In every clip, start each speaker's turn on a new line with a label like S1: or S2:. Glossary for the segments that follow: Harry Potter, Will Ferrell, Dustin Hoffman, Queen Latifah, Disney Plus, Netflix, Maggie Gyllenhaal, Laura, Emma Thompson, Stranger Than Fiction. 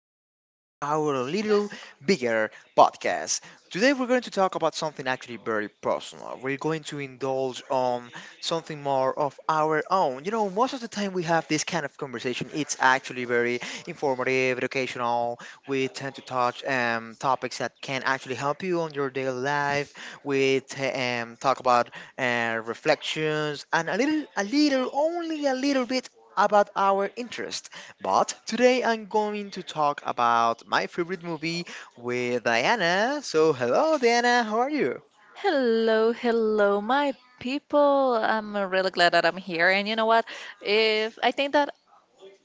S1: again to our little bigger podcast. Today, we're going to talk about something actually very personal. We're going to indulge on something more of our own. You know, most of the time we have this kind of conversation, it's actually very informative, educational. We tend to touch topics that can actually help you on your daily life. We talk about reflections and only a little bit about our interest. But today I'm going to talk about my favorite movie with Diana. So, hello, Diana, how are you?
S2: Hello, hello, my people. I'm really glad that I'm here. And you know what? If I think that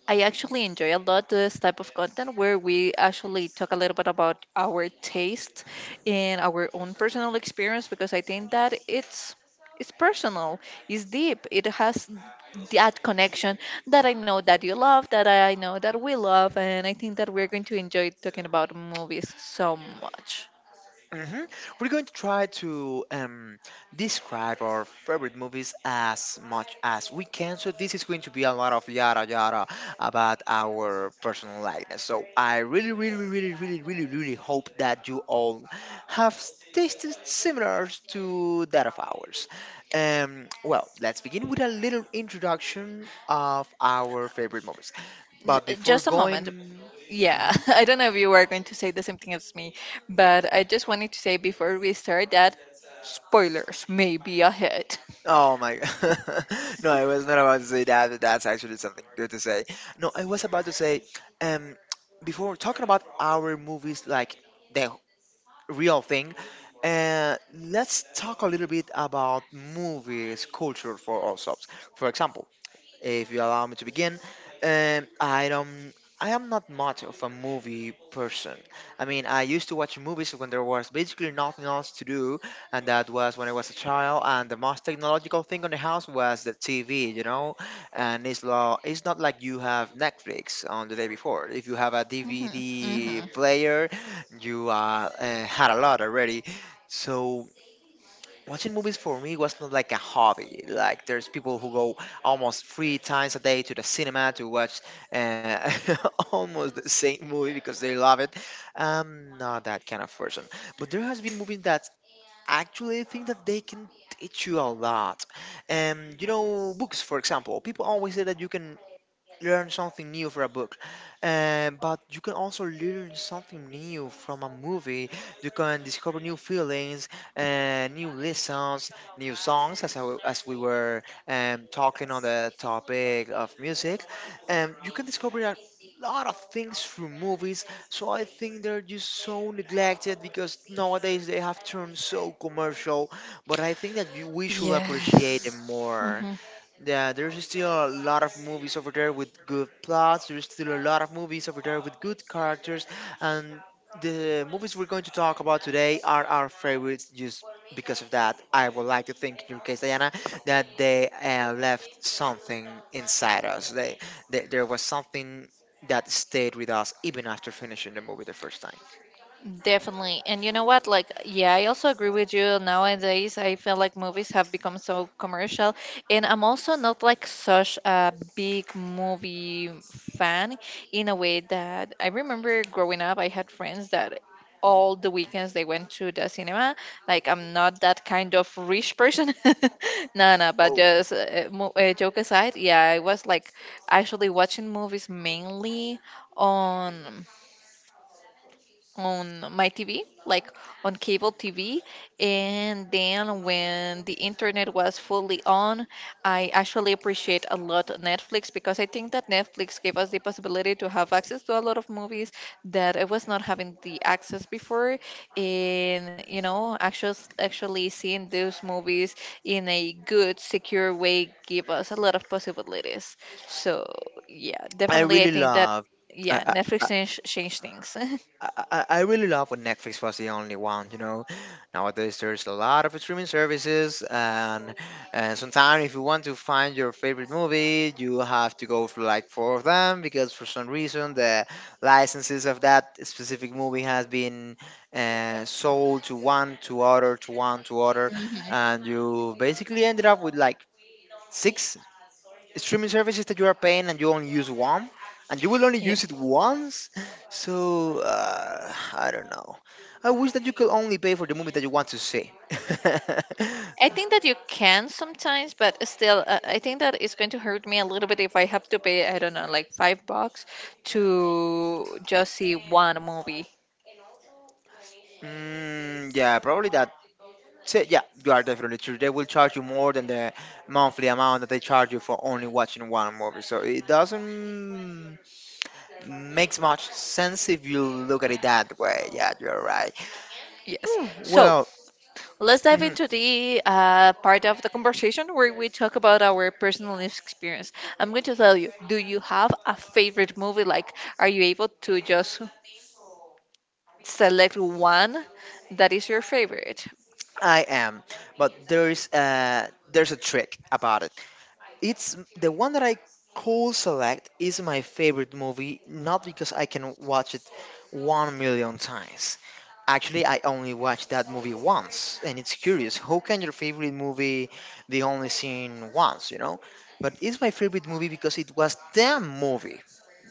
S2: I actually enjoy a lot this type of content where we actually talk a little bit about our taste and our own personal experience because I think that it's personal, it's deep, it has that connection that I know that you love, that I know that we love, and I think that we're going to enjoy talking about movies so much.
S1: Hmm. We're going to try to describe our favorite movies as much as we can. So this is going to be a lot of yada yada about our personal likeness. So I really hope that you all have tasted similar to that of ours. Well, let's begin with a little introduction of our favorite movies. But before
S2: Just a moment.
S1: going,
S2: Yeah,
S1: mhm.
S2: I don't know if you were going to say the same thing as me, but I just wanted to say before we start that spoilers may be ahead.
S1: Oh my! No, I was not about to say that. But that's actually something good to say. No, I was about to say, um, before we're talking about our movies, like the real thing, let's talk a little bit about movies culture for ourselves. For example, if you allow me to begin. I don't. I am not much of a movie person. I mean, I used to watch movies when there was basically nothing else to do, and that was when I was a child. And the most technological thing on the house was the TV, And it's not like you have Netflix on the day before. If you have a
S2: Hmm,
S1: DVD
S2: hmm.
S1: player, you had a lot already. So watching movies for me was not like a hobby. Like there's people who go almost three times a day to the cinema to watch uh, almost the same movie because they love it. I'm not that kind of person. But there has been movies that actually I think that they can teach you a lot. You know, books for example. People always say that you can learn something new from a book. But you can also learn something new from a movie. You can discover new feelings, new lessons, new songs, as we were talking on the topic of music. You can discover a lot of things through movies. So I think they're just so neglected because nowadays they have turned so commercial. But I think that we should appreciate
S2: Yes.
S1: them more. Yeah, there's still a lot of movies over there with good plots. There's still a lot of movies over there with good characters, and the movies we're going to talk about today are our favorites. Just because of that, I would like to think, in your case, Diana, that they left something inside us. There was something that stayed with us even after finishing the movie the first time.
S2: Definitely. And you know what? Like, yeah, I also agree with you. Nowadays, I feel like movies have become so commercial. And I'm also not like such a big movie fan in a way that I remember growing up, I had friends that all the weekends they went to the cinema. Like, I'm not that kind of rich person. No, no, but
S1: Oh,
S2: just joke aside, yeah, I was like actually watching movies mainly on on my TV, like on cable TV. And then when the internet was fully on, I actually appreciate a lot Netflix because I think that Netflix gave us the possibility to have access to a lot of movies that I was not having the access before. And, actually seeing those movies in a good, secure way give us a lot of possibilities. So, yeah,
S1: I
S2: definitely I
S1: really
S2: think that,
S1: love.
S2: yeah,
S1: I,
S2: Netflix changed things.
S1: I, I really love when Netflix was the only one, you know. Nowadays, there's a lot of streaming services, and sometimes if you want to find your favorite movie, you have to go for like four of them because for some reason the licenses of that specific movie has been sold to one, to other, to one, to other, and you basically ended up with like six streaming services that you are paying and you only use one and you will only
S2: Yeah,
S1: use it once, so I don't know. I wish that you could only pay for the movie that you want to see.
S2: I think that you can sometimes, but still, I think that it's going to hurt me a little bit if I have to pay, I don't know, like $5 to just see one movie.
S1: Mm, yeah, probably that. So, yeah, you are definitely true, they will charge you more than the monthly amount that they charge you for only watching one movie, so it doesn't makes much sense if you look at it that way. Yeah, you're right.
S2: Yes.
S1: Hmm,
S2: So
S1: well,
S2: let's dive
S1: mhm.
S2: into the part of the conversation where we talk about our personal experience. I'm going to tell you, do you have a favorite movie? Like, are you able to just select one that is your favorite?
S1: I am, but there's a trick about it. It's the one that I could select is my favorite movie, not because I can watch it 1,000,000 times. Actually, I only watched that movie once, and it's curious. How can your favorite movie be only seen once? You know, but it's my favorite movie because it was the movie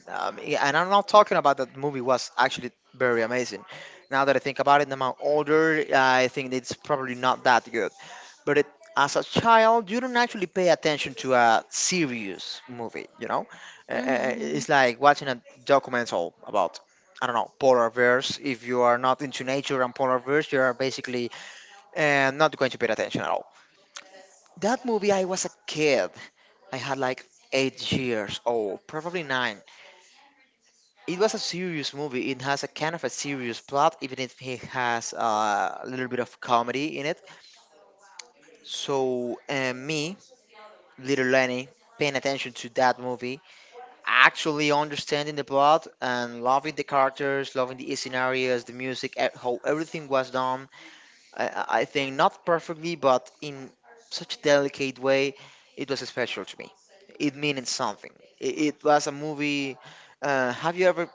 S1: yeah, and I'm not talking about that movie was actually very amazing. Now that I think about it, now I'm older, I think it's probably not that good. But it, as a child, you don't actually pay attention to a serious movie, you know?
S2: Hmm.
S1: It's like watching a documental about, I don't know, polar bears. If you are not into nature and polar bears, you are basically not going to pay attention at all. That movie, I was a kid. I had like 8 years old, probably nine. It was a serious movie. It has a kind of a serious plot, even if it has a little bit of comedy in it. So, me, little Lenny, paying attention to that movie, actually understanding the plot and loving the characters, loving the scenarios, the music, how everything was done. I think not perfectly, but in such a delicate way, it was special to me. It meant something. It was a movie. Have you ever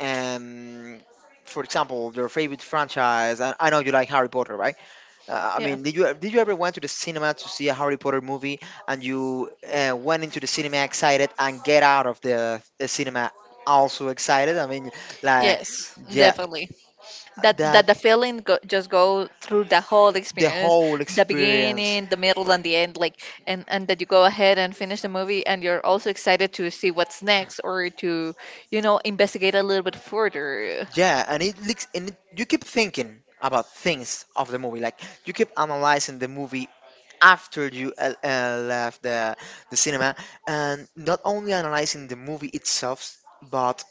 S1: um, for example, your favorite franchise. I know you like Harry Potter, right? I
S2: Yeah.
S1: mean, did you ever went to the cinema to see a Harry Potter movie, and you went into the cinema excited and get out of the cinema also excited? I mean, like,
S2: Yes,
S1: yeah,
S2: definitely. That
S1: that
S2: the feeling go, just go through the whole
S1: the
S2: experience,
S1: whole
S2: the
S1: experience.
S2: beginning, the middle, and the end. Like, and that you go ahead and finish the movie and you're also excited to see what's next or to investigate a little bit further.
S1: Yeah, and it looks and it, you keep thinking about things of the movie, like you keep analyzing the movie after you left the cinema, and not only analyzing the movie itself but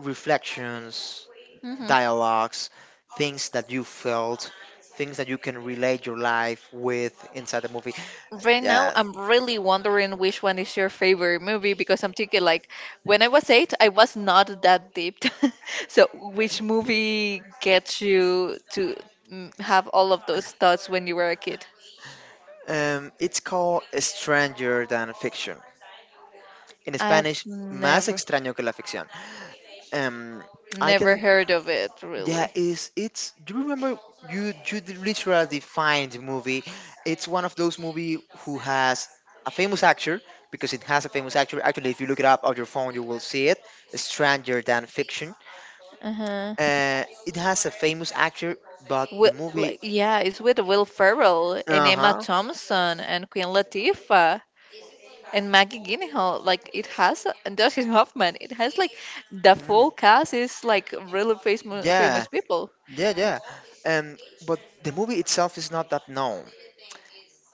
S1: reflections,
S2: hmm
S1: dialogues, things that you felt, things that you can relate your life with inside the movie.
S2: right now
S1: Yeah.
S2: I'm really wondering which one is your favorite movie, because I'm thinking, like, when I was 8 I was not that deep. So which movie gets you to have all of those thoughts when you were a kid?
S1: It's called Stranger Than Fiction. In
S2: I've
S1: Spanish, Más
S2: never.
S1: Extraño Que La Ficción. Um, I
S2: Never
S1: can
S2: heard of it,
S1: Yeah,
S2: really.
S1: is it's, do you remember? Literally defined the movie. It's one of those movie who has a famous actor because it has a famous actor. Actually, if you look it up on your phone, you will see it. Stranger Than Fiction.
S2: Uh huh.
S1: It has a famous actor, but
S2: Wi-
S1: the
S2: like,
S1: movie.
S2: yeah, it's with Will Ferrell and
S1: Uh
S2: Emma
S1: huh.
S2: Thompson and Queen Latifah and Maggie Gyllenhaal. Like it has, and Dustin Hoffman. It has like the
S1: Mm,
S2: full cast is like really famous
S1: yeah,
S2: famous people.
S1: yeah. Um, but the movie itself is not that known.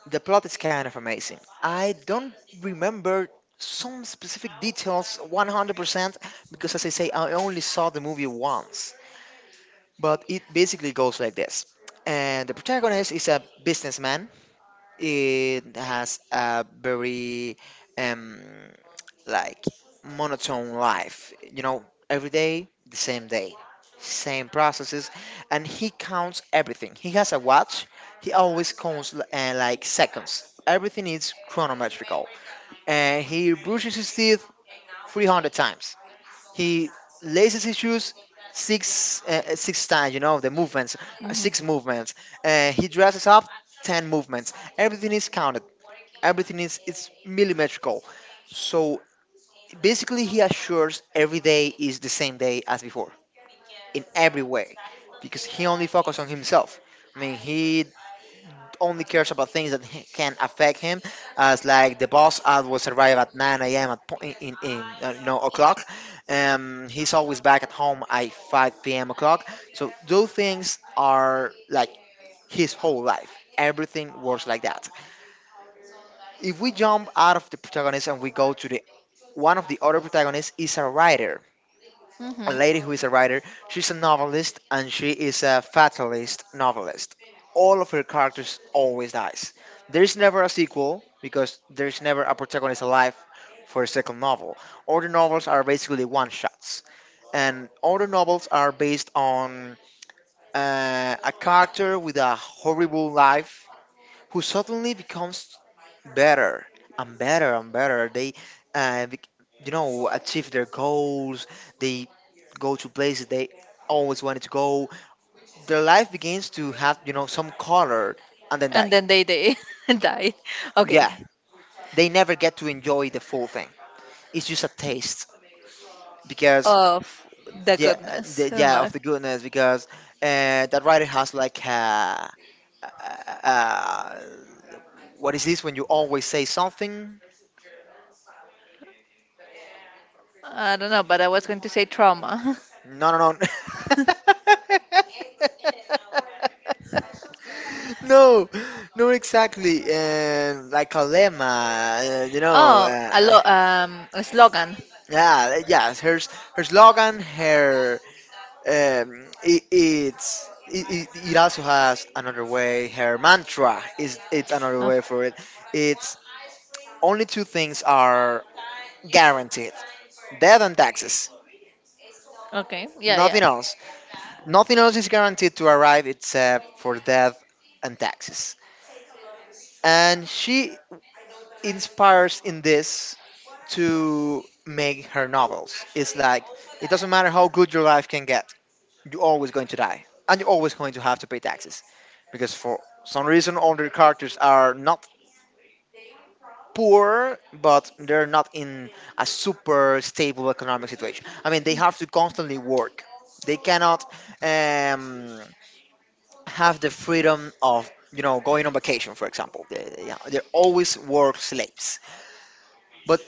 S1: The plot is kind of amazing. I don't remember some specific details 100% because, as I say, I only saw the movie once. But it basically goes like this. And the protagonist is a businessman, it has a very um like monotone life. You know, every day the same day, same processes, and he counts everything. He has a watch. He always counts like seconds. Everything is chronometrical. And he brushes his teeth 300 times. He laces his shoes six times. You know the movements,
S2: Hmm.
S1: six movements. He dresses up 10 movements. Everything is counted, everything is it's millimetrical. So basically, he assures every day is the same day as before in every way, because he only focuses on himself. I mean, he only cares about things that can affect him, as like the boss ad was arrive at 9 a.m. at po- in you know o'clock. He's always back at home at 5 p.m. o'clock. So those things are like his whole life. Everything works like that. If we jump out of the protagonist and we go to the one of the other protagonists is a writer, a
S2: Hmm.
S1: lady who is a writer. She's a novelist and she is a fatalist novelist. All of her characters always dies. There's never a sequel because there's never a protagonist alive for a second novel. All the novels are basically one shots, and all the novels are based on a character with a horrible life who suddenly becomes better and better. They, uh, bec- you know, achieve their goals. They go to places they always wanted to go. Their life begins to have, you know, some color and then
S2: And
S1: die.
S2: then they die. Okay.
S1: Yeah, they never get to enjoy the full thing. It's just a taste because
S2: Of the goodness in
S1: yeah, of
S2: life.
S1: the goodness because that writer has like uh, uh, what is this when you always say something.
S2: I don't know, but I was going to say trauma.
S1: No, no, no. No, no, exactly. And like Kalema,
S2: Oh, a slogan.
S1: yeah. Her slogan, her it, it's. It also has another way. Her mantra is it's another
S2: Oh,
S1: way for it. It's only two things are guaranteed: death and taxes.
S2: okay. Yeah, yeah.
S1: Nothing else. Nothing else is guaranteed to arrive except for death and taxes. And she inspires in this to make her novels. It's like it doesn't matter how good your life can get, you're always going to die. And you're always going to have to pay taxes. Because for some reason all the characters are not poor, but they're not in a super stable economic situation. I mean they have to constantly work. They cannot um, have the freedom of going on vacation, for example. They're always work slaves. But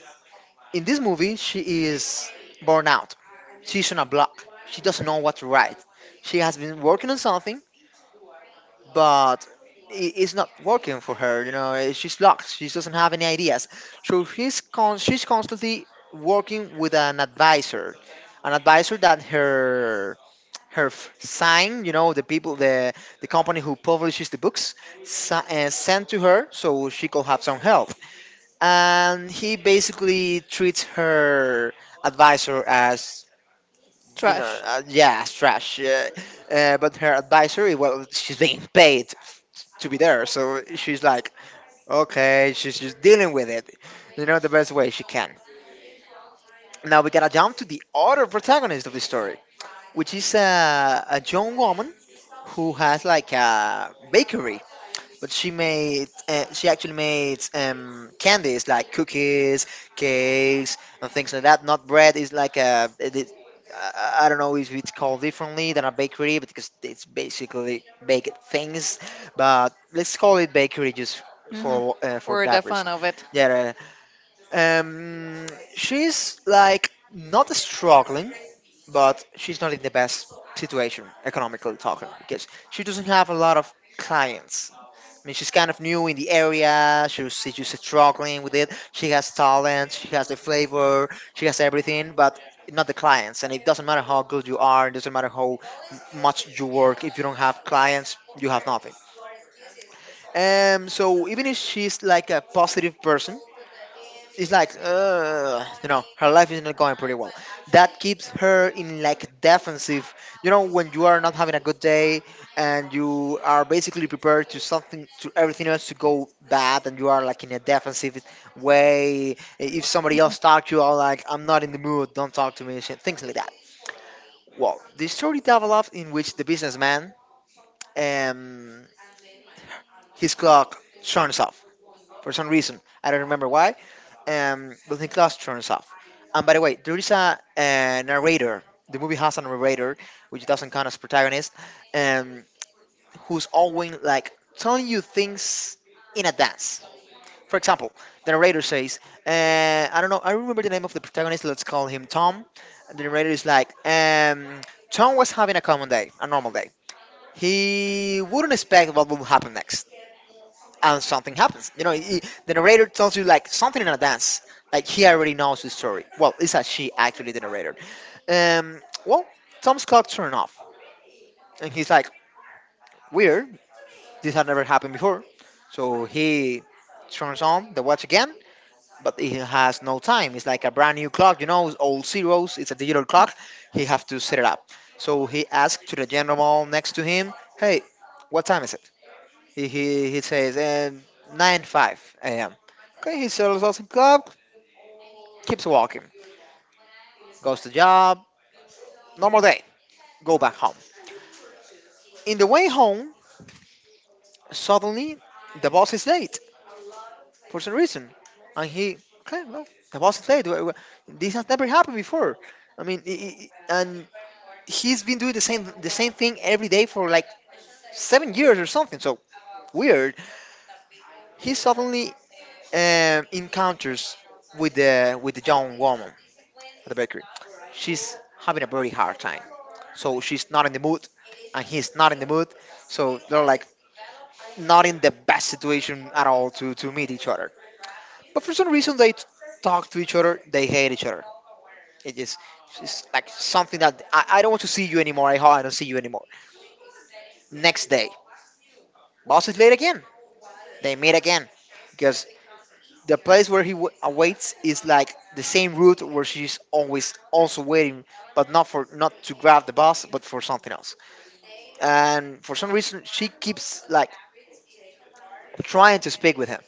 S1: in this movie, she is burnt out, she's on a block, she doesn't know what to write. She has been working on something, but it's not working for her. You know, she's locked. She doesn't have any ideas. So she's constantly working with an advisor that her sign, you know, the people, the company who publishes the books, sent to her so she could have some help. And he basically treats her advisor as,
S2: Trash.
S1: yeah, it's trash. Yeah. But her advisory, well, she's being paid to be there, so she's like, okay, she's just dealing with it, you know, the best way she can. Now we gotta jump to the other protagonist of the story, which is a young woman who has like a bakery, but she made, she actually made candies, like cookies, cakes, and things like that. Not bread. Is like a, it is- I don't know if it's called differently than a bakery, because it's basically baked things. But let's call it bakery just
S2: Hmm.
S1: for
S2: We're the
S1: that
S2: fan
S1: reason.
S2: of it.
S1: Yeah. Um, she's like not struggling, but she's not in the best situation economically talking, because she doesn't have a lot of clients. I mean, she's kind of new in the area. She's just struggling with it. She has talent. She has the flavor. She has everything, but not the clients. And it doesn't matter how good you are. It doesn't matter how much you work. If you don't have clients, you have nothing. So even if she's like a positive person, it's like, you know, her life is not going pretty well, that keeps her in like defensive. You know, when you are not having a good day and you are basically prepared to something, to everything else to go bad, and you are like in a defensive way, if somebody else talk to you are like, "I'm not in the mood, don't talk to me, shit," things like that. Well, the story develops in which the businessman, um his clock turns off for some reason, I don't remember why. Disney Plus turns off. And by the way, there is a narrator. The movie has a narrator, which doesn't count as protagonist, um, who's always like telling you things in advance. For example, the narrator says, uh, "I don't know. I remember the name of the protagonist. Let's call him Tom." And the narrator is like, "Tom was having a common day, a normal day. He wouldn't expect what would happen next." And something happens. You know, he, the narrator tells you like something in advance, like he already knows the story. Well, it's a she actually, the narrator. Well, Tom's clock turned off, and he's like, "Weird, this had never happened before." So he turns on the watch again, but he has no time. It's like a brand new clock, you know, it's all zeros. It's a digital clock. He have to set it up. So he asks to the gentleman next to him, "Hey, what time is it?" He says, and 9.5 a.m. Okay, he sells awesome club, keeps walking, goes to job, normal day, go back home. In the way home, suddenly the boss is late for some reason. And he, okay, well, the boss is late. This has never happened before. I mean, and he's been doing the same thing every day for like 7 years or something. So weird. He suddenly encounters with the young woman at the bakery. She's having a very hard time. So she's not in the mood, and he's not in the mood. So they're like not in the best situation at all to meet each other. But for some reason, talk to each other, they hate each other. It is it's like something that I don't want to see you anymore. I hope I don't see you anymore. Next day, boss is late again. They meet again because the place where he awaits is like the same route where she's always also waiting, but not for, not to grab the bus, but for something else. And for some reason she keeps like trying to speak with him,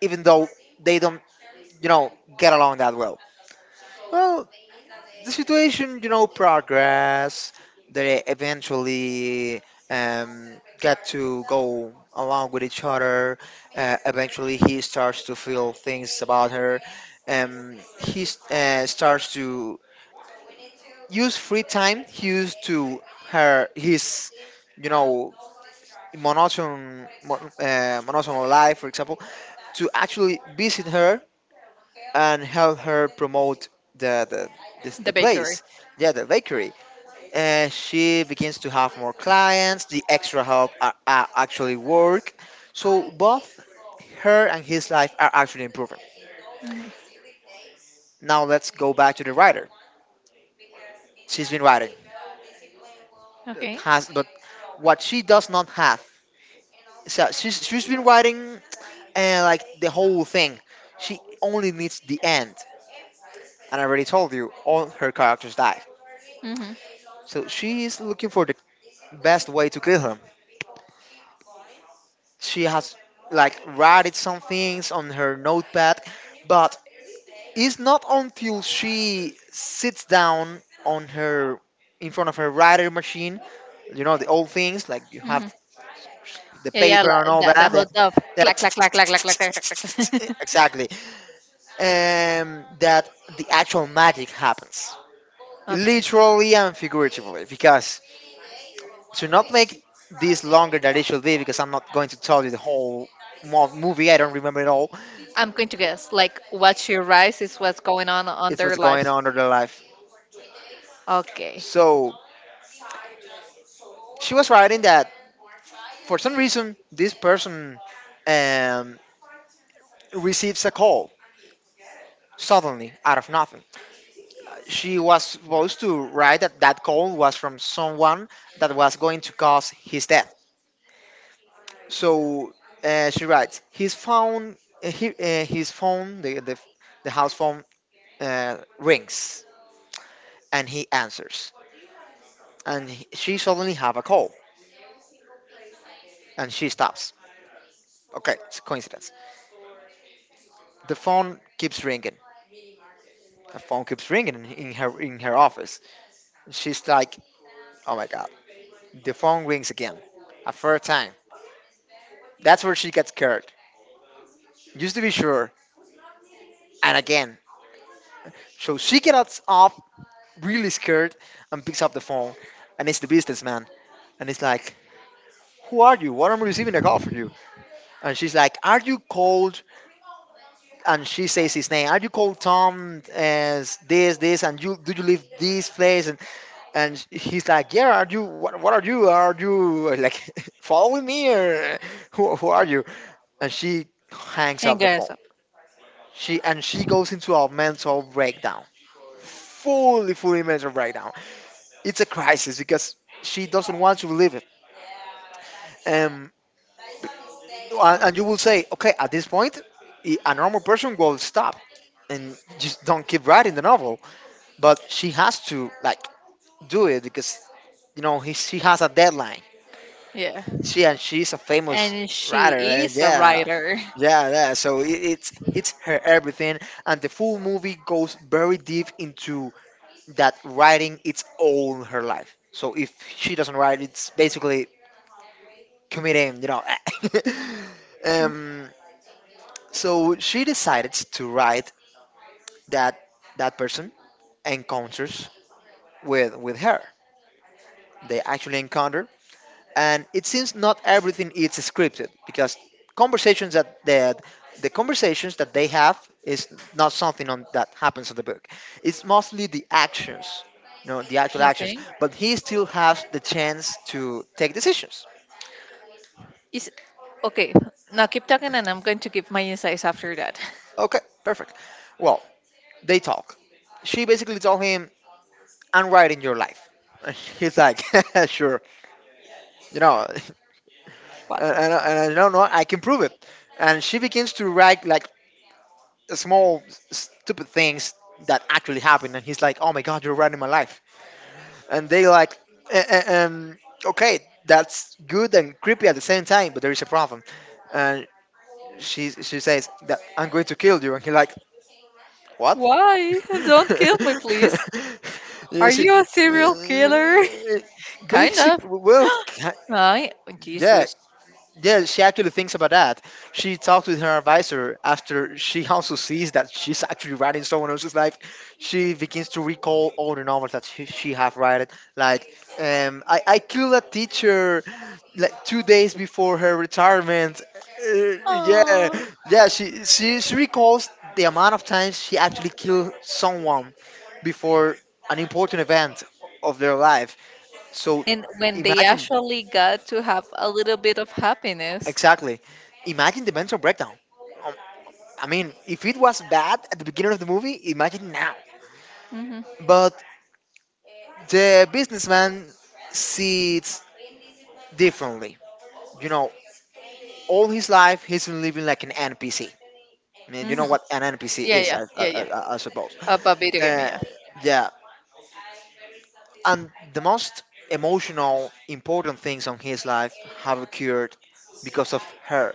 S1: even though they don't, you know, get along that well. Well, the situation, you know, progress, they eventually get to go along with each other. Eventually he starts to feel things about her. He starts to use free time he used to, her his, you know, monotone monotone life, for example, to actually visit her and help her promote the the the
S2: The bakery.
S1: place. Yeah, the bakery. She begins to have more clients. The extra help are actually work. So both her and his life are actually improving. Now let's go back to the writer. She's been writing that
S2: Okay.
S1: has, but what she does not have. So she's been writing, like, the whole thing. She only needs the end. And I already told you all her characters die.
S2: Hmm,
S1: So she is looking for the best way to kill him. She has like written some things on her notepad, but it's not until she sits down on her, in front of her writer machine, you know, the old things like you have
S2: hmm.
S1: the
S2: Yeah, yeah,
S1: paper and
S2: la-
S1: all
S2: that,
S1: that,
S2: that whole
S1: that,
S2: stuff. Clack, clack,
S1: that
S2: clack, clack, clack, clack, clack, clack, clack.
S1: exactly, that the actual magic happens,
S2: Okay.
S1: literally and figuratively, because to not make this longer than it should be, because I'm not going to tell you the whole movie. I don't remember it all.
S2: I'm going to guess, like, what's your rise is what's going on
S1: It's
S2: their
S1: what's going
S2: lives.
S1: on in their life.
S2: Okay.
S1: So she was writing that for some reason this person, um, receives a call suddenly out of nothing. She was supposed to write that that call was from someone that was going to cause his death. So she writes his phone, he, his phone, the house phone rings, and he answers. And she suddenly have a call, and she stops. Okay, it's a coincidence. The phone keeps ringing. The phone keeps ringing in her, in her office. She's like, "Oh my god!" The phone rings again, a third time. That's where she gets scared. Just to be sure, and again. So she gets up really scared and picks up the phone, and it's the businessman, and he's like, "Who are you? Why am I receiving a call from you?" And she's like, "Are you cold?" And she says his name. "Are you called Tom, as this, this, and you? Do you live this place?" And he's like, yeah. "Are you? What are you? Are you like following me, or who are you?" And she hangs up
S2: Hang
S1: the phone.
S2: us up.
S1: She goes into a mental breakdown, fully, fully mental breakdown. It's a crisis because she doesn't want to believe it. Um, and you will say, okay, at this point, a normal person will stop and just don't keep writing the novel, but she has to like do it because, you know, he, she has a deadline.
S2: Yeah.
S1: She's a famous
S2: And
S1: writer.
S2: she is a
S1: Yeah,
S2: writer.
S1: yeah. So it's her everything, and the full movie goes very deep into that writing its all her life. So if she doesn't write, it's basically committing. You know. um. So she decided to write that person encounters with her. They actually encounter, and it seems not everything is scripted because conversations that that the conversations that they have is not something on, that happens in the book. It's mostly the actions, you know, the actual actions.
S2: Okay.
S1: But he still has the chance to take decisions.
S2: Is okay. Now keep talking, and I'm going to give my insights after that.
S1: Okay, perfect. Well, they talk. She basically told him, "I'm writing your life." And he's like, "Sure, you know,
S2: What?
S1: and I don't know, I can prove it." And she begins to write like small stupid things that actually happen, and he's like, "Oh my god, you're ruining my life!" And they like, "Uh, uh, um okay, that's good and creepy at the same time, but there is a problem." And she says that, "I'm going to kill you." And he like, "What?"
S2: Why? Don't kill me, please.
S1: You
S2: Are
S1: see,
S2: you a serial killer?
S1: uh,
S2: Kind
S1: basic
S2: of.
S1: well
S2: Right?
S1: yeah.
S2: Jesus.
S1: Yeah, she actually thinks about that. She talks with her advisor after she also sees that she's actually writing someone else's life. She begins to recall all the novels that she have written. Like, I killed a teacher like 2 days before her retirement. Uh, yeah,
S2: Aww.
S1: yeah. She recalls the amount of times she actually killed someone before an important event of their life. So
S2: And when they
S1: imagine
S2: actually got to have a little bit of happiness.
S1: exactly. Imagine the mental breakdown. Um, I mean, if it was bad at the beginning of the movie, imagine now.
S2: Hmm.
S1: But the businessman sees it differently. You know, all his life he's been living like an NPC. I mean, you
S2: Hmm.
S1: know what an NPC
S2: Yeah,
S1: is,
S2: yeah,
S1: I,
S2: yeah,
S1: I,
S2: yeah.
S1: I, I suppose.
S2: Of a video game,
S1: Uh,
S2: yeah.
S1: yeah, and the most emotional, important things on his life have occurred because of her.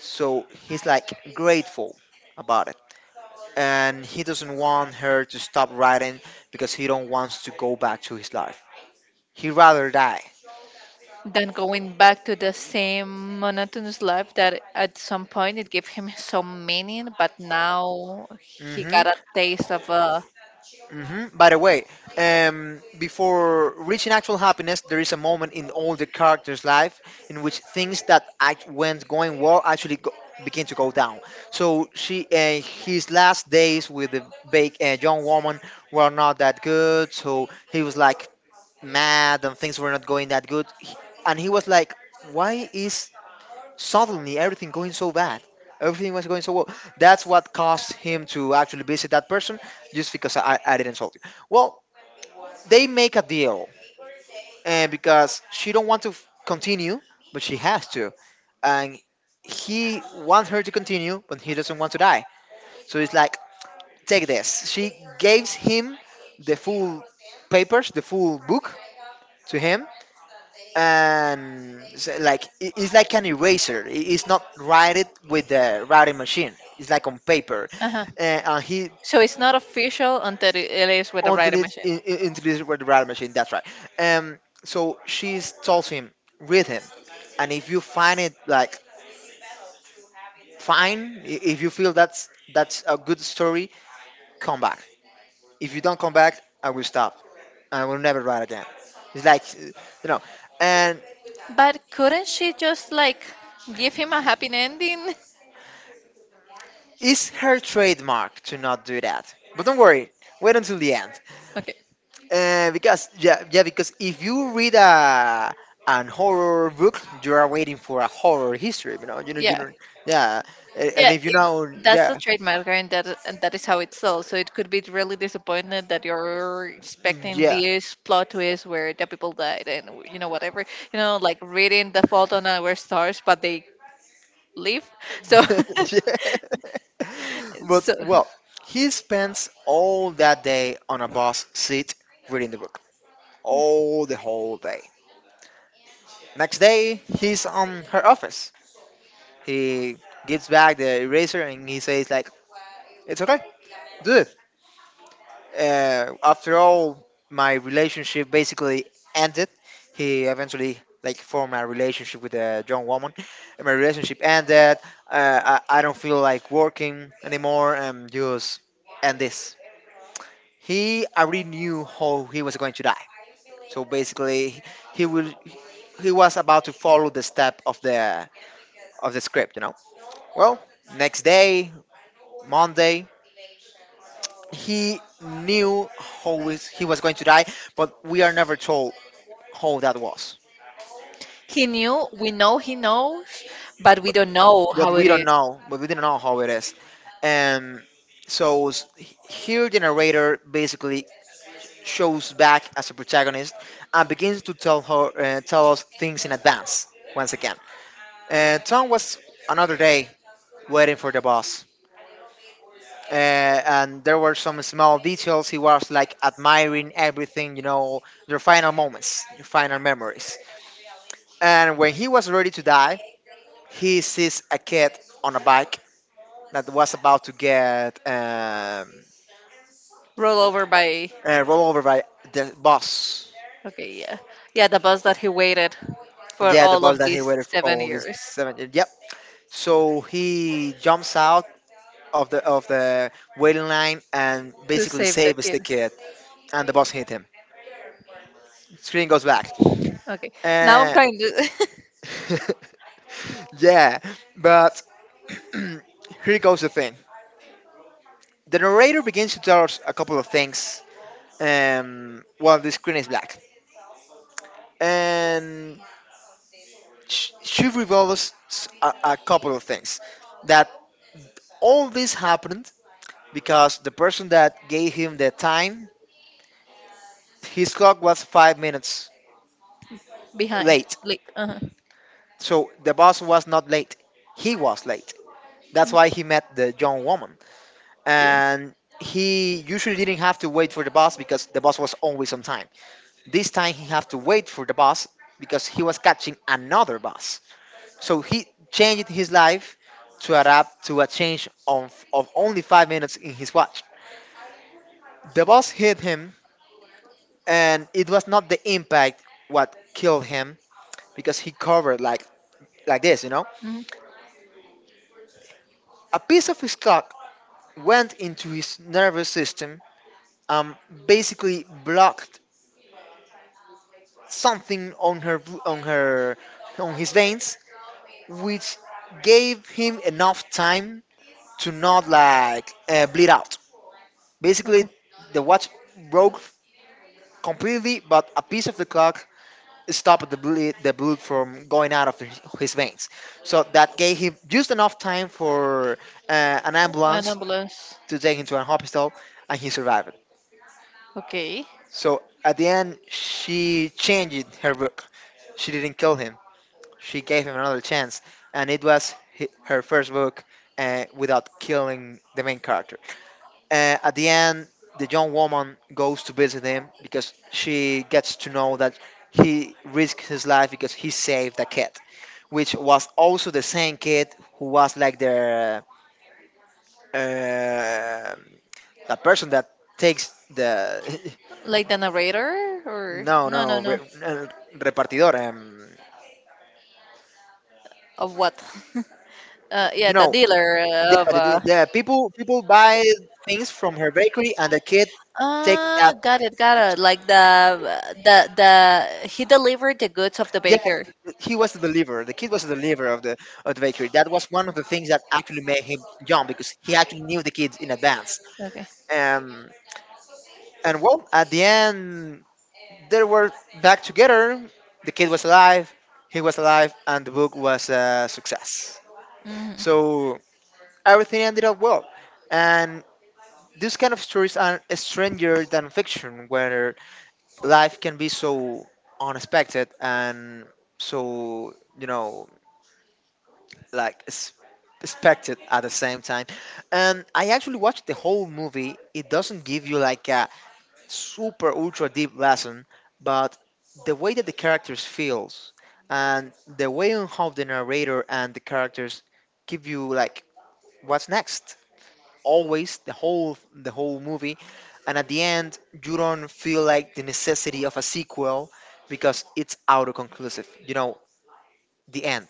S1: So he's like grateful about it, and he doesn't want her to stop writing because he don't wants to go back to his life. He'd rather die.
S2: Than going back to the same monotonous life that at some point it gave him some meaning, but now he
S1: Mhm.
S2: got a taste of a.
S1: Mhm. By the way, before reaching actual happiness, there is a moment in all the characters' life in which things that act- went going well begin to go down. So his last days with the big young woman were not that good. So he was like mad, and things were not going that good. And he was like, "Why is suddenly everything going so bad? Everything was going so well." That's what caused him to actually visit that person, just because I didn't solve it well. They make a deal, and because she don't want to continue, but she has to, and he wants her to continue but he doesn't want to die. So it's like, take this. She gives him the full papers, the full book, to him. And so, it's like an eraser. It's not write it with the writing machine. It's like on paper,
S2: Uh-huh.
S1: and he,
S2: So it's not official until it is with the writing machine.
S1: until it's with the writing machine. That's right. Um, so she tells him, read him, and if you find it like fine, if you feel that's a good story, come back. If you don't come back, I will stop. I will never write again. It's like you know, and
S2: But couldn't she just like give him a happy ending?
S1: It's her trademark to not do that. But don't worry, wait until the end.
S2: Okay,
S1: Because if you read a an horror book, you are waiting for a horror history.
S2: yeah.
S1: Yeah, and
S2: Yeah,
S1: if you
S2: if
S1: know,
S2: that's the
S1: yeah,
S2: trademark, and that is how it's sold. So it could be really disappointed that you're expecting
S1: yeah,
S2: this plot twist where the people died and whatever, like reading the fault on our stars, but they live. So,
S1: yeah. But
S2: so
S1: well, he spends all that day on a bus seat reading the book, all the whole day. Next day, he's on her office. He gives back the eraser and he says like, "It's okay, do it. After all, my relationship basically ended. He eventually like formed a relationship with a young woman, and my relationship ended. I don't feel like working anymore. Just end this." He already knew how he was going to die. So basically, he will he was about to follow the step of the script, you know. Well, next day, Monday, he knew he was going to die, but we are never told how that was.
S2: he knew. We know he knows, but we
S1: But
S2: don't know
S1: what
S2: how it
S1: we don't
S2: is.
S1: know, but we didn't know how it is. And so s- h- here the narrator basically shows back as a protagonist and begins to tell us things in advance once again. Tom was another day waiting for the boss. Uh, and there were some small details. He was like admiring everything, you know, your final moments, your final memories. And when he was ready to die, he sees a kid on a bike that was about to get
S2: Roll over by.
S1: rolled over by the bus.
S2: Okay, yeah, yeah, the bus that he waited for
S1: Yeah, the
S2: all
S1: bus
S2: of
S1: that he
S2: these
S1: waited for
S2: seven
S1: all these
S2: years
S1: seven. Yep. So he jumps out of the waiting line and
S2: to
S1: basically
S2: save the
S1: saves the
S2: kid.
S1: kid, and the bus hit him. Screen goes back.
S2: Okay, now I'm
S1: Uh,
S2: trying to.
S1: yeah, but here goes the thing. The narrator begins to tell us a couple of things. Well, the screen is black, and she a couple of things, that all this happened because the person that gave him the time, his clock was 5 minutes
S2: Behind,
S1: late.
S2: like, uh-huh.
S1: So the boss was not late. He was late. That's
S2: Mm,
S1: why he met the young woman.
S2: yeah.
S1: And he usually didn't have to wait for the boss because the boss was always on time. This time he had to wait for the boss because he was catching another boss. So he changed his life to adapt to a change of only 5 minutes in his watch. The boss hit him, and it was not the impact what killed him because he covered like this, you know.
S2: Mm,
S1: A piece of his clock went into his nervous system, um, basically blocked something on her on her on his veins, which gave him enough time to not bleed out. Basically,
S2: okay.
S1: the watch broke completely, but a piece of the clock stopped the blood from going out of his veins. So that gave him just enough time for uh, an
S2: An
S1: ambulance
S2: ambulance.
S1: to take him to a hospital, and he survived.
S2: Okay.
S1: So at the end, she changed her book. She didn't kill him. She gave him another chance, and it was her first book, without killing the main character. At the end, the young woman goes to visit him because she gets to know that he risked his life because he saved a kid, which was also the same kid who was like uh, the person that takes the,
S2: Like the narrator or
S1: no no
S2: no, no, no.
S1: uh, repartidor.
S2: Of what? Yeah,
S1: You
S2: the
S1: know,
S2: dealer of.
S1: the people people buy things from her bakery and the kid take that
S2: Ah, got it, got
S1: things.
S2: it. Like the he delivered the goods of the
S1: Yeah,
S2: baker.
S1: he was the deliverer. The kid was the deliverer of the bakery. That was one of the things that actually made him jump because he actually knew the kids in advance.
S2: Okay.
S1: Um, and well, at the end, they were back together. The kid was alive, he was alive, and the book was a success.
S2: Mm-hmm.
S1: So everything ended up well. And these kind of stories are stranger than fiction, where life can be so unexpected and so, you know, like expected at the same time. And I actually watched the whole movie. It doesn't give you like a super ultra deep lesson, but the way that the characters feels and the way on how the narrator and the characters give you like what's next. Always the whole movie, and at the end you don't feel like the necessity of a sequel because it's auto conclusive. You know, the end.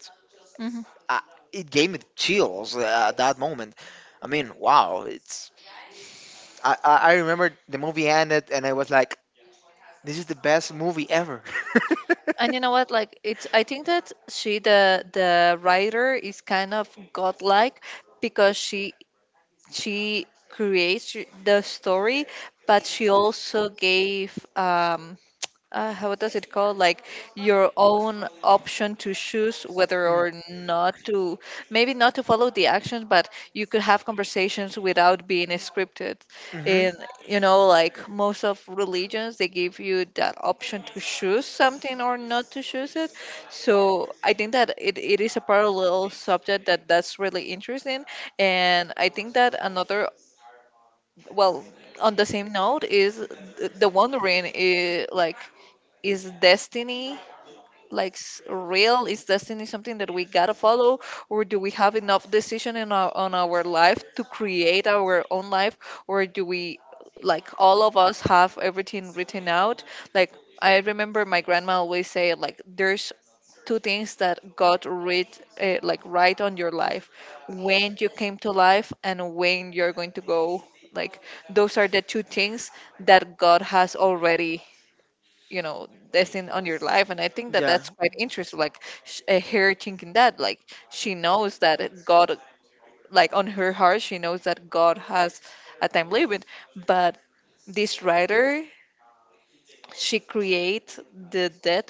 S2: Mm-hmm.
S1: I, it gave me chills at that moment. I mean, wow, it's. I remember the movie ended and I was like, this is the best movie ever.
S2: And you know what? Like it's. I think that she, the writer, is kind of godlike because she creates the story, but she also gave how does it call, like, your own option to choose whether or not to, maybe not to follow the actions, but you could have conversations without being scripted
S1: Mm-hmm.
S2: in like most of religions. They give you that option to choose something or not to choose it. So I think that it is a parallel subject that that's really interesting. And I think that another, well, on the same note is the wondering, like, is destiny, like, real? Is destiny something that we gotta follow, or do we have enough decision in our on our life to create our own life, or do we, like, all of us have everything written out? Like, I remember my grandma always say, like, there's two things that God read, like, right on your life: when you came to life and when you're going to go. Like, those are the two things that God has already, that's in on your life. And I think that
S1: Yeah.
S2: that's quite interesting, like, her thinking that, like, she knows that God, like, on her heart she knows that God has a time limit. But this writer, she creates the death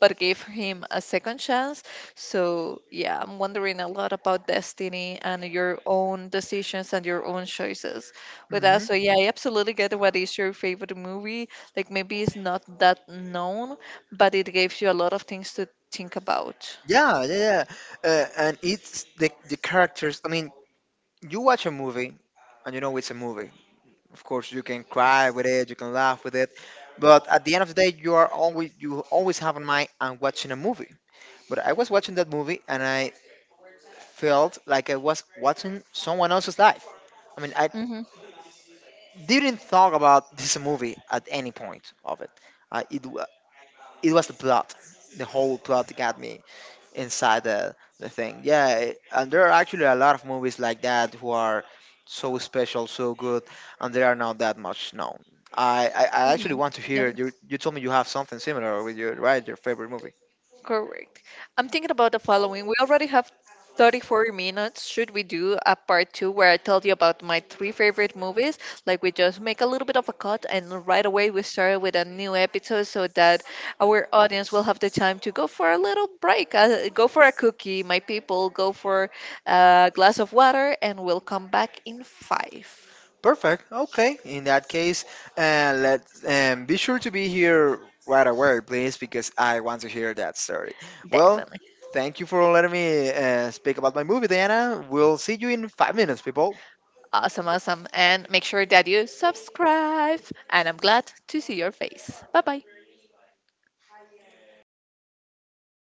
S2: but gave him a second chance. So, yeah, I'm wondering a lot about destiny and your own decisions and your own choices with that.
S1: Mm-hmm.
S2: So, yeah, I absolutely get what is your favorite movie. Like, maybe it's not that known, but it gives you a lot of things to think about.
S1: Yeah. Yeah. Yeah. And it's the characters. I mean, you watch a movie, and you know it's a movie. Of course, you can cry with it, you can laugh with it, but at the end of the day, you always have in mind I'm watching a movie. But I was watching that movie, and I felt like I was watching someone else's life. I mean, I
S2: Mm-hmm.
S1: didn't talk about this movie at any point of it. Uh, it wa- it was the plot, the whole plot that got me inside the thing. Yeah, and there are actually a lot of movies like that who are so special, so good, and they are not that much known. I, I, I actually
S2: Mm-hmm.
S1: want to hear you. You told me you have something similar with your favorite movie.
S2: Correct. I'm thinking about the following. We already have 34 minutes. Should we do a part two where I tell you about my three favorite movies? Like we just make a little bit of a cut and right away we start with a new episode so that our audience will have the time to go for a little break, go for a cookie, my people, go for a glass of water, and we'll come back in five.
S1: Perfect. Okay. In that case, let's be sure to be here right away, please, because I want to hear that story. Well,
S2: Definitely.
S1: thank you for letting me speak about my movie, Diana. We'll see you in 5 minutes, people.
S2: Awesome, awesome. And make sure that you subscribe. And I'm glad to see your face. Bye bye.